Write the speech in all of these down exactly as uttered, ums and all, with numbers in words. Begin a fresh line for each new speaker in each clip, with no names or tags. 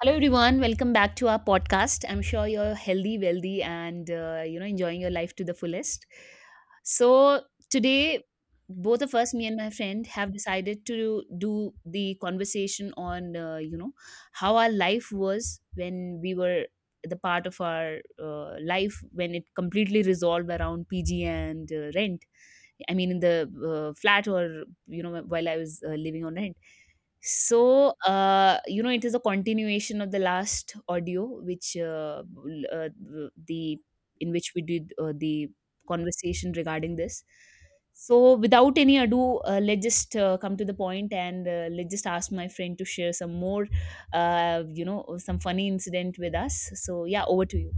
Hello everyone, welcome back to our podcast. I'm sure you're healthy, wealthy, and uh, you know enjoying your life to the fullest. So today, both of us, me and my friend, have decided to do the conversation on uh, you know how our life was when we were the part of our uh, life when it completely resolved around P G and uh, rent. I mean, in the uh, flat or you know while I was uh, living on rent. So, uh, you know, it is a continuation of the last audio, which uh, l- uh, the in which we did uh, the conversation regarding this. So, without any ado, uh, let's just uh, come to the point and uh, let's just ask my friend to share some more, uh, you know, some funny incident with us. So, yeah, over to you.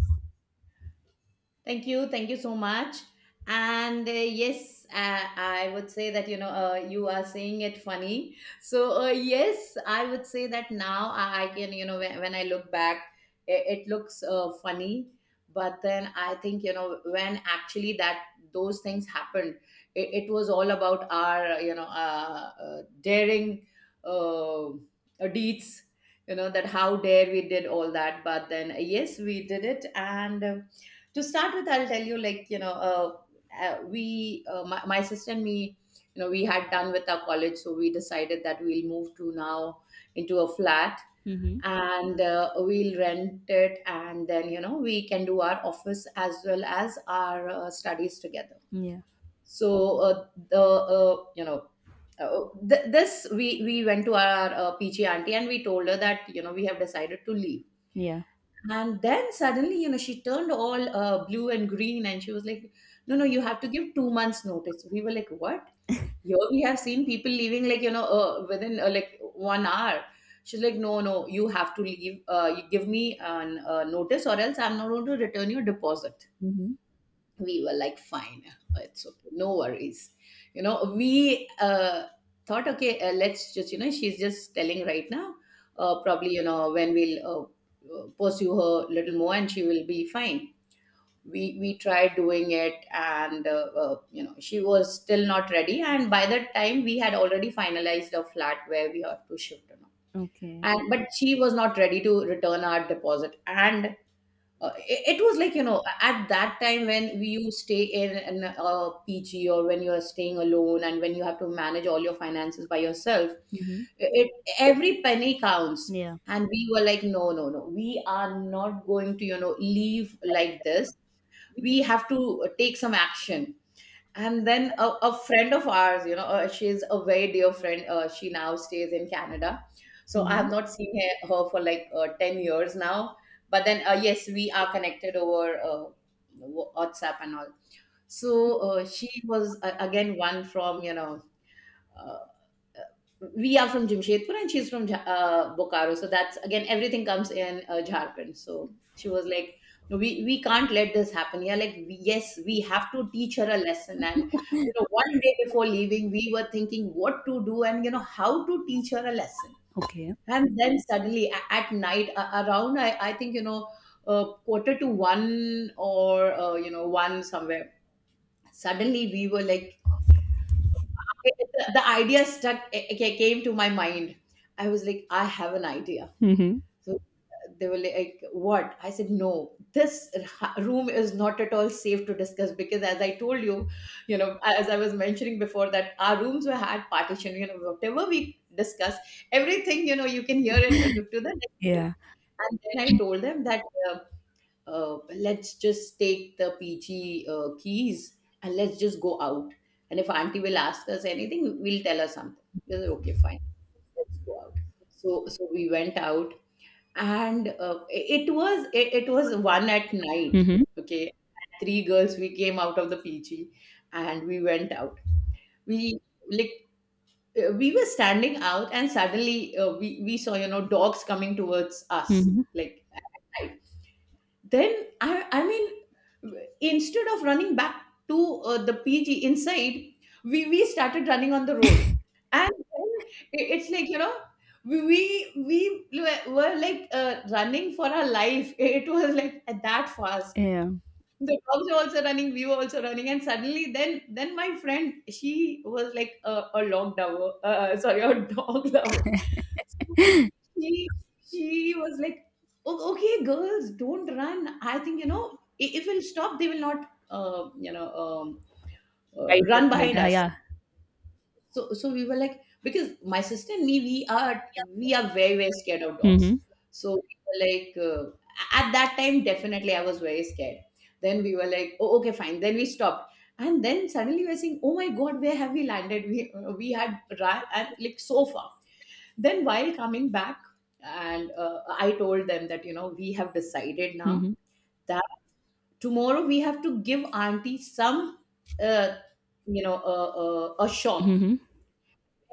Thank you. Thank you so much. And uh, yes, uh, I would say that, you know, uh, you are saying it funny. So, uh, yes, I would say that now I, I can, you know, when, when I look back, it, it looks uh, funny. But then I think, you know, when actually that those things happened, it, it was all about our, you know, uh, uh, daring uh, uh, deeds, you know, that how dare we did all that. But then, yes, we did it. And uh, To start with, I'll tell you, like, you know, uh, uh, we uh, my, my sister and me, you know, we had done with our college, so we decided that we'll move to now into a flat
Mm-hmm.
and uh, we'll rent it and then, you know, we can do our office as well as our uh, studies together.
Yeah.
So uh, the uh, you know uh, th- this we we went to our uh, peachy auntie and we told her that, you know, we have decided to leave.
Yeah.
And then suddenly, you know, she turned all uh, blue and green and she was like, no, no, you have to give two months notice. We were like, what? Here we have seen people leaving like, you know, uh, within uh, like one hour. She's like, no, no, you have to leave. Uh, you give me an uh, notice, or else I'm not going to return your deposit.
hmm
We were like, fine, uh, it's okay, no worries. You know, we uh, thought, okay, uh, let's just, you know, she's just telling right now. Uh, probably, you know, when we'll uh, uh, pursue her little more and she will be fine. We we tried doing it, and uh, uh, you know, she was still not ready, and by that time we had already finalized a flat where we have to shift, you know.
Okay.
And but she was not ready to return our deposit, and uh, it, it was like, you know, at that time when we- you stay in an, a P G, or when you are staying alone and when you have to manage all your finances by yourself,
Mm-hmm.
it every penny counts.
Yeah.
And we were like, no, no, no, we are not going to, you know, leave like this. We have to uh, take some action. And then a, a friend of ours, you know, uh, she's a very dear friend. Uh, she now stays in Canada, so I
Mm-hmm.
have not seen her, her for like uh, ten years now. But then, uh, yes, we are connected over uh, Wha- WhatsApp and all. So uh, she was uh, again one from, you know, uh, we are from Jamshedpur and she's from Ja- uh, Bokaro. So that's again, everything comes in uh, Jharkhand. So she was like, no, we, we can't let this happen. Yeah, like, we, yes, we have to teach her a lesson. And, you know, one day before leaving, we were thinking what to do and, you know, how to teach her a lesson.
Okay.
And then suddenly a- at night, a- around, I, I think, you know, uh, quarter to one, or, uh, you know, one somewhere, suddenly we were like, it- the idea stuck. It- it came to my mind. I was like, I have an idea.
Mm-hmm.
So uh, they were like, what? I said, no, this room is not at all safe to discuss, because as I told you, you know, as I was mentioning before, that our rooms were had partition, you know, whatever we discuss, everything, you know, you can hear it uh, to the next room.
Yeah.
And then I told them that uh, uh, let's just take the P G uh, keys and let's just go out. And if auntie will ask us anything, we'll tell her something. They said, okay, fine, let's go out. So so we went out, and uh, it, it was it, it was one at night.
Mm-hmm.
Okay, three girls, we came out of the P G and we went out. We, like, uh, we were standing out, and suddenly uh, we we saw, you know, dogs coming towards us,
Mm-hmm.
like, then I, I mean, instead of running back to uh, the PG inside, we, we started running on the road. And then i- it's like, you know, we we we were were like uh, running for our life. It was like that fast.
Yeah.
The dogs were also running, we were also running, and suddenly, then then my friend, she was like a, a log lover, uh, sorry, a dog lover. So she she was like, "O- okay girls, don't run. I think, you know, i- if we'll stop, they will not, uh, you know um,
Right,
uh,
that's
run
right.
behind
Ah,
us."
yeah.
So so we were like, because my sister and me, we are, we are very very scared of dogs.
Mhm.
So we were like, uh, at that time, definitely I was very scared. Then we were like, oh, okay, fine. Then we stopped, and then suddenly we are saying, oh my god, where have we landed? We uh, we had run, and like, so far. Then while coming back, and uh, I told them that, you know, we have decided now
Mhm.
that tomorrow we have to give auntie some, uh, you know, a, a, a shock.
Mhm.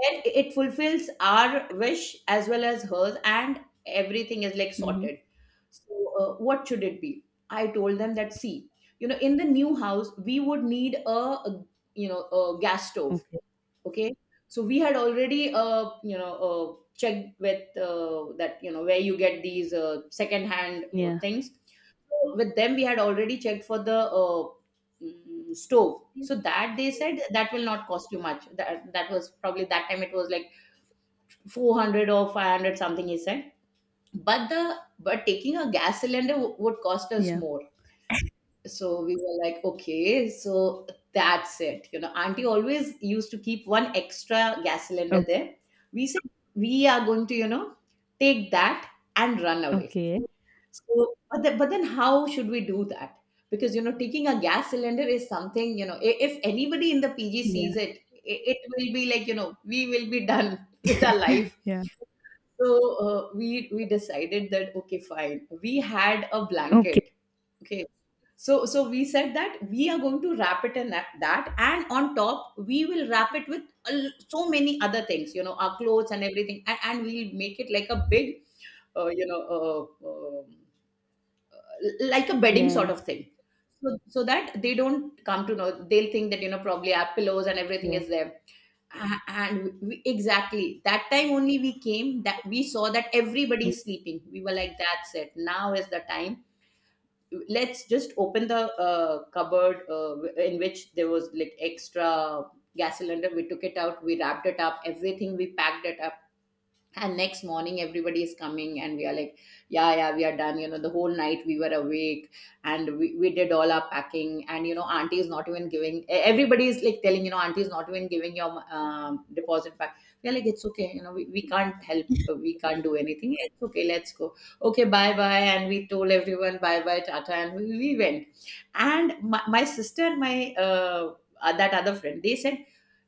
And it fulfills our wish as well as hers, and everything is like
Mhm.
sorted. So, uh, what should it be? I told them that, see, you know, in the new house, we would need a, a, you know, a gas stove.
Okay.
Okay. So we had already, uh, you know, uh, checked with uh, that, you know, where you get these uh, second-hand uh,
Yeah.
things. With them, we had already checked for the uh, mm, stove. So that they said that will not cost you much. That that was probably, that time it was like four hundred or five hundred something, he said. But the but taking a gas cylinder w- would cost us
Yeah.
more. So we were like, okay, so that's it, you know, auntie always used to keep one extra gas cylinder
Okay.
there. We said we are going to, you know, take that and run away.
Okay.
So but, the, but then, how should we do that? Because, you know, taking a gas cylinder is something, you know, i- if anybody in the PG
Yeah.
sees it, it, it will be like, you know, we will be done with our life.
Yeah.
So uh, we we decided that, okay, fine, we had a
Okay.
blanket. Okay. So so we said that we are going to wrap it in that, that, and on top we will wrap it with a l- so many other things, you know, our clothes and everything, and, and we'll make it like a big, uh, you know, uh, um, like a bedding sort
Yeah.
of thing. So, so that they don't come to know, they'll think that, you know, probably our pillows and everything
Yeah.
is there. A- and we, exactly that time only, we came, that we saw that everybody
Yeah.
is sleeping. We were like, that's it, now is the time. Let's just open the uh, cupboard, uh, in which there was like extra gas cylinder. We took it out, we wrapped it up, everything, we packed it up. And next morning, everybody is coming and we are like, yeah yeah, we are done, you know, the whole night we were awake, and we, we did all our packing. And, you know, auntie is not even giving, e- everybody is like telling, you know, auntie is not even giving your um, deposit back. We are like, it's okay, you know, we, we can't help. We can't do anything. It's okay, let's go. Okay, bye bye. And we told everyone bye bye, tata, and we, we went. And my, my sister and my uh, uh, that other friend, they said,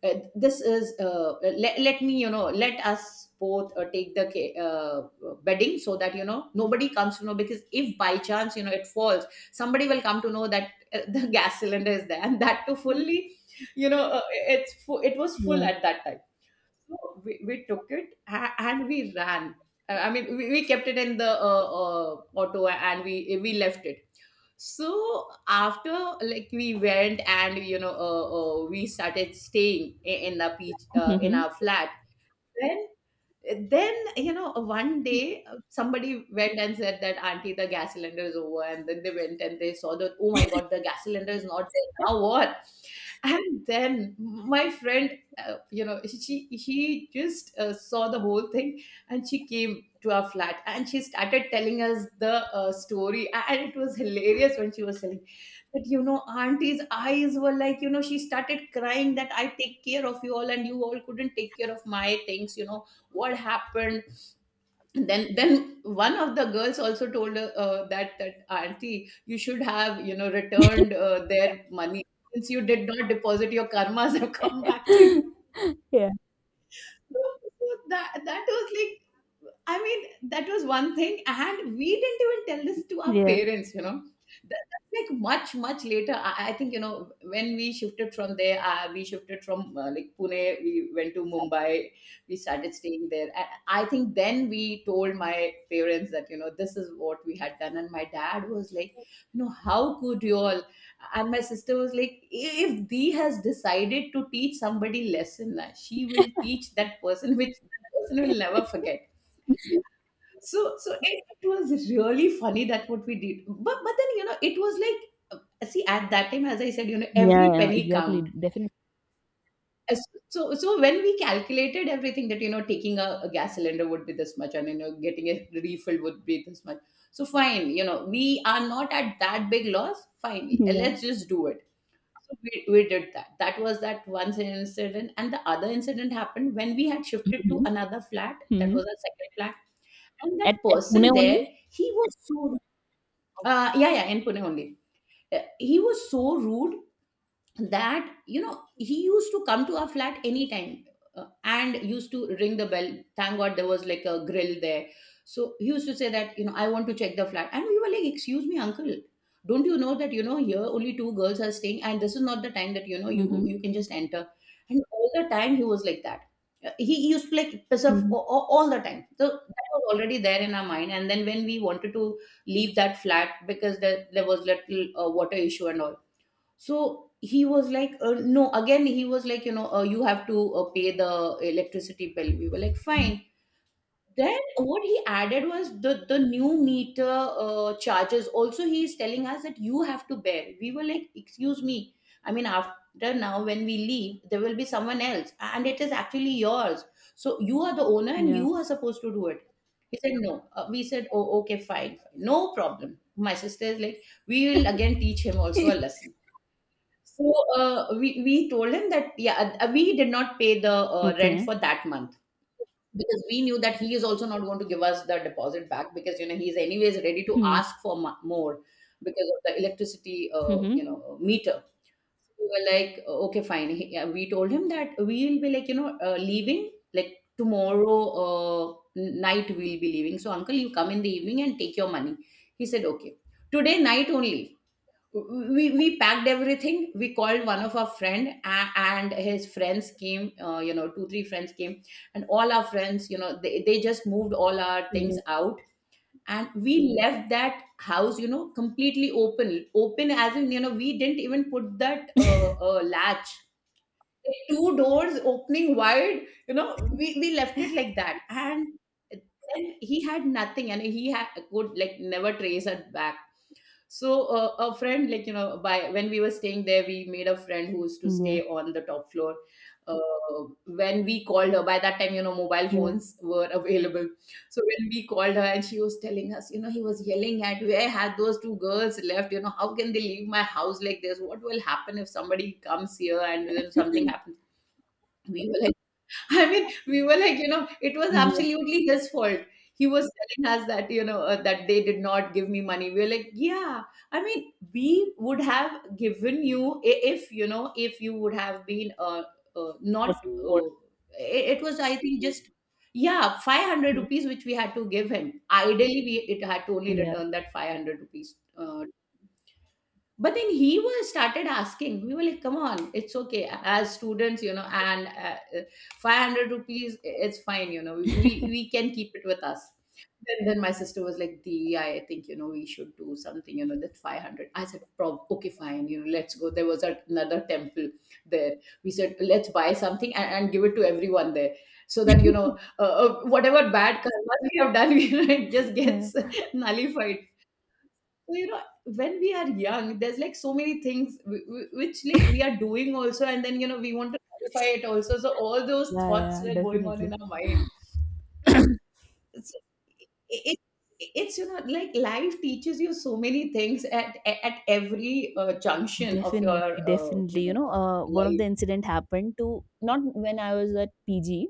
uh, this is, uh, let, let me, you know, let us both uh, take the ca- uh, bedding, so that, you know, nobody comes to know, because if by chance, you know, it falls, somebody will come to know that uh, the gas cylinder is there, and that too,
Mhm.
fully, you know, uh, it's fu- it was full
Yeah.
at that time. So we, we took it a- and we ran. Uh, I mean, we, we kept it in the uh, uh, auto, and we we left it. So after like we went and you know uh, uh, we started staying in, in the beach uh, in
Mhm.
our flat. Then you know one day uh, somebody went and said that auntie, the gas cylinder is over. And then they went and they saw that, oh my god, the gas cylinder is not there, now what? And then my friend uh, you know she she just uh, saw the whole thing, and she came to our flat and she started telling us the uh, story, and it was hilarious when she was telling that you know auntie's eyes were like, you know she started crying that, "I take care of you all and you all couldn't take care of my things." You know what happened then then, one of the girls also told uh, uh, that that, "Auntie, you should have you know returned uh, their money. Since you did not deposit, your karmas have come back to you."
yeah.
So that that was like, I mean, that was one thing, and we didn't even tell this to our
Yeah.
parents you know that, that's like much much later, I, I think, you know when we shifted from there, uh, we shifted from, uh, like, Pune. We went to Mumbai, we started staying there, and I think then we told my parents that, you know this is what we had done. And my dad was like, you know "How could you all?" And my sister was like, "If Dee has decided to teach somebody lesson na, she will teach that person, which that person will never forget." So so it, it was really funny that what we did, but but then, you know it was like, uh, see, at that time, as I said, you know
Yeah.
every
Yeah.
penny
Exactly.
count.
Definitely.
As- so so when we calculated everything that, you know taking a, a gas cylinder would be this much, and you know getting it refilled would be this much, so fine, you know we are not at that big loss, fine,
Yeah.
let's just do it. So we, we did that. That was that one incident. And the other incident happened when we had shifted to
Mhm.
another flat. That
Mhm.
was our second flat. And that
At at Pune
person
only.
there, he was so,
Okay.
uh, yeah, yeah, in Pune only. Uh, He was so rude that, you know he used to come to our flat anytime uh, and used to ring the bell. Thank god there was like a grill there. So he used to say that, you know "I want to check the flat." And we were like, "Excuse me, uncle, don't you know that, you know here only two girls are staying, and this is not the time that, you know you
Mhm.
you can just enter?" And all the time he was like that. Uh, he used to like piss off
Mhm.
a- a- all the time, so that was already there in our mind. And then, when we wanted to leave that flat because there, there was little uh, water issue and all, so he was like, uh, no, again he was like, you know uh, "You have to uh, pay the electricity bill." We were like, fine. Then what he added was the the new meter uh, charges also, he is telling us that you have to bear. We were like, excuse me, I mean, after now when we leave, there will be someone else, and it is actually yours, so you are the owner and
Yeah.
you are supposed to do it. He said no. Uh, we said, oh, okay, fine, fine, no problem. My sister is like, we will again teach him also a lesson. So uh, we we told him that, yeah, uh, we did not pay the uh, rent
Okay.
for that month, because we knew that he is also not going to give us the deposit back, because you know he's anyways ready to
Mhm.
ask for mo- more because of the electricity, uh, you
Mhm.
know meter. So, we were like, okay, fine. He- yeah, we told him that we will be like, you know uh, leaving like tomorrow uh, n- night, we'll be leaving. So, uncle, you come in the evening and take your money. He said okay. Today night only, we we packed everything. We called one of our friend, a- and his friends came, uh, you know two three friends came, and all our friends, you know they, they just moved all our
Yeah.
things out, and we left that house, you know completely open. Open, as in, you know we didn't even put that uh, uh, latch. The two doors opening wide, you know we, we left it like that. And then he had nothing, and he had could like never trace it back. So uh, a friend, like, you know, by when we were staying there, we made a friend who used to
Yeah.
stay on the top floor. Uh, when we called her, by that time, you know, mobile
Yeah.
phones were available. So when we called her, and she was telling us, you know, he was yelling at, "Where had those two girls left? You know, how can they leave my house like this? What will happen if somebody comes here and then something happens?" We were like, I mean, we were like, you know, it was
Yeah.
absolutely his fault. He was telling us that, you know, uh, that they did not give me money. We were like, yeah. I mean, we would have given you i- if, you know, if you would have been uh, uh,
For
not,
some more.
uh, it, it, was, I think, just, yeah, five hundred
Yeah.
rupees, which we had to give him. Ideally, we it had to only
yeah.
return that five hundred rupees uh, But then he was started asking. We were like, come on, it's okay, as students, you know and uh, uh, five hundred rupees, it's fine, you know we, we can keep it with us. Then, then my sister was like, the, I think, you know we should do something, you know that five hundred. I said, Prob- okay, fine, you know let's go. There was a, another temple there. We said, let's buy something and, and give it to everyone there, so that, you know uh, uh, whatever bad karma we have done you know, it just
Yeah.
gets nullified. So, you know, when we are young, there's like so many things w- w- which, like, we are doing also, and then, you know we want to modify it also. So all those thoughts
Yeah.
were going on
Definitely.
in our mind. So it, it's you know like, life teaches you so many things at at every uh, junction of
Definitely,
your, uh,
definitely.
you
You
know
know, uh, one of the
life.
incident happened to not when I was at P G,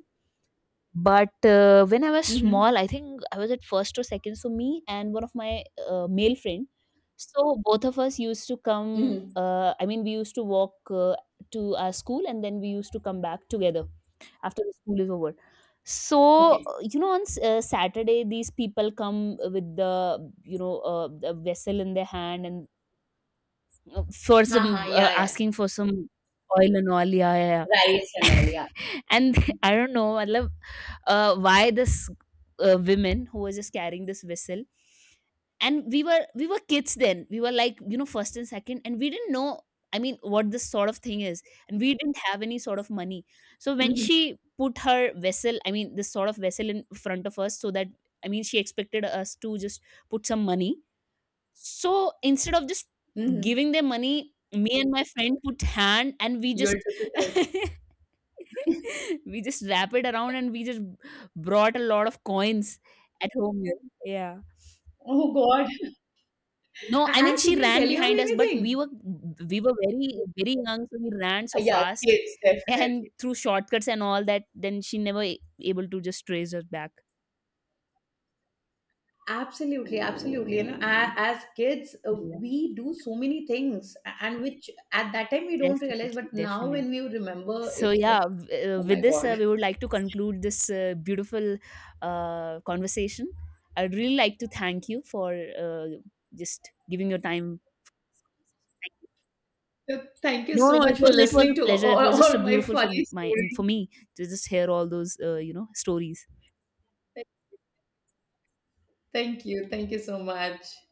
but uh, when I was
Mm-hmm.
small, I think I was at first or second. So me and one of my uh, male friend, so both of us used to come.
Mm-hmm.
Uh, I mean, we used to walk uh, to our school and then we used to come back together after the school is over. So
Okay.
uh, you know, on s- uh, Saturday, these people come with the you know uh, the vessel in their hand and uh, for some
Uh-huh.
uh,
Yeah, yeah.
asking for some oil and all. Yeah, yeah,
Rice and all.
yeah.
Yeah.
And I don't know, I love, uh, why this uh, women who was just carrying this vessel, and we were we were kids then, we were like, you know first and second, and we didn't know, I mean, what this sort of thing is, and we didn't have any sort of money. So when
Mm-hmm.
she put her vessel, I mean this sort of vessel, in front of us so that, I mean, she expected us to just put some money. So instead of just
Mm-hmm.
giving them money, me and my friend put hand and we
You'll took
just
it out.
we just wrap it around and we just brought a lot of coins at home. Yeah.
Oh God.
No,
A-
I mean
And she
she
didn't
ran
tell you all
behind us, but we
anything.
were we were very very young, so we ran so
Uh, Yeah,
fast
kids,
and
definitely.
through shortcuts and all that. Then she never a- able to just trace us back.
Absolutely, absolutely. You know, a- as kids, uh,
Yeah,
we do so many things, a- and which at that time we don't realize,
definitely,
but now when
definitely.
we remember,
So
it's
yeah,
like,
w- uh,
oh my
with this, uh,
God.
we would like to conclude this uh, beautiful uh, conversation. I'd really like to thank you for uh, just giving your time.
So thank you
No, no,
so
it
much for
was it was
listening
a
to
pleasure.
all,
It was just a
all my
beautiful for m-
funny
my for
stories.
me to just hear all those uh, you know stories.
Thank you. Thank you so much.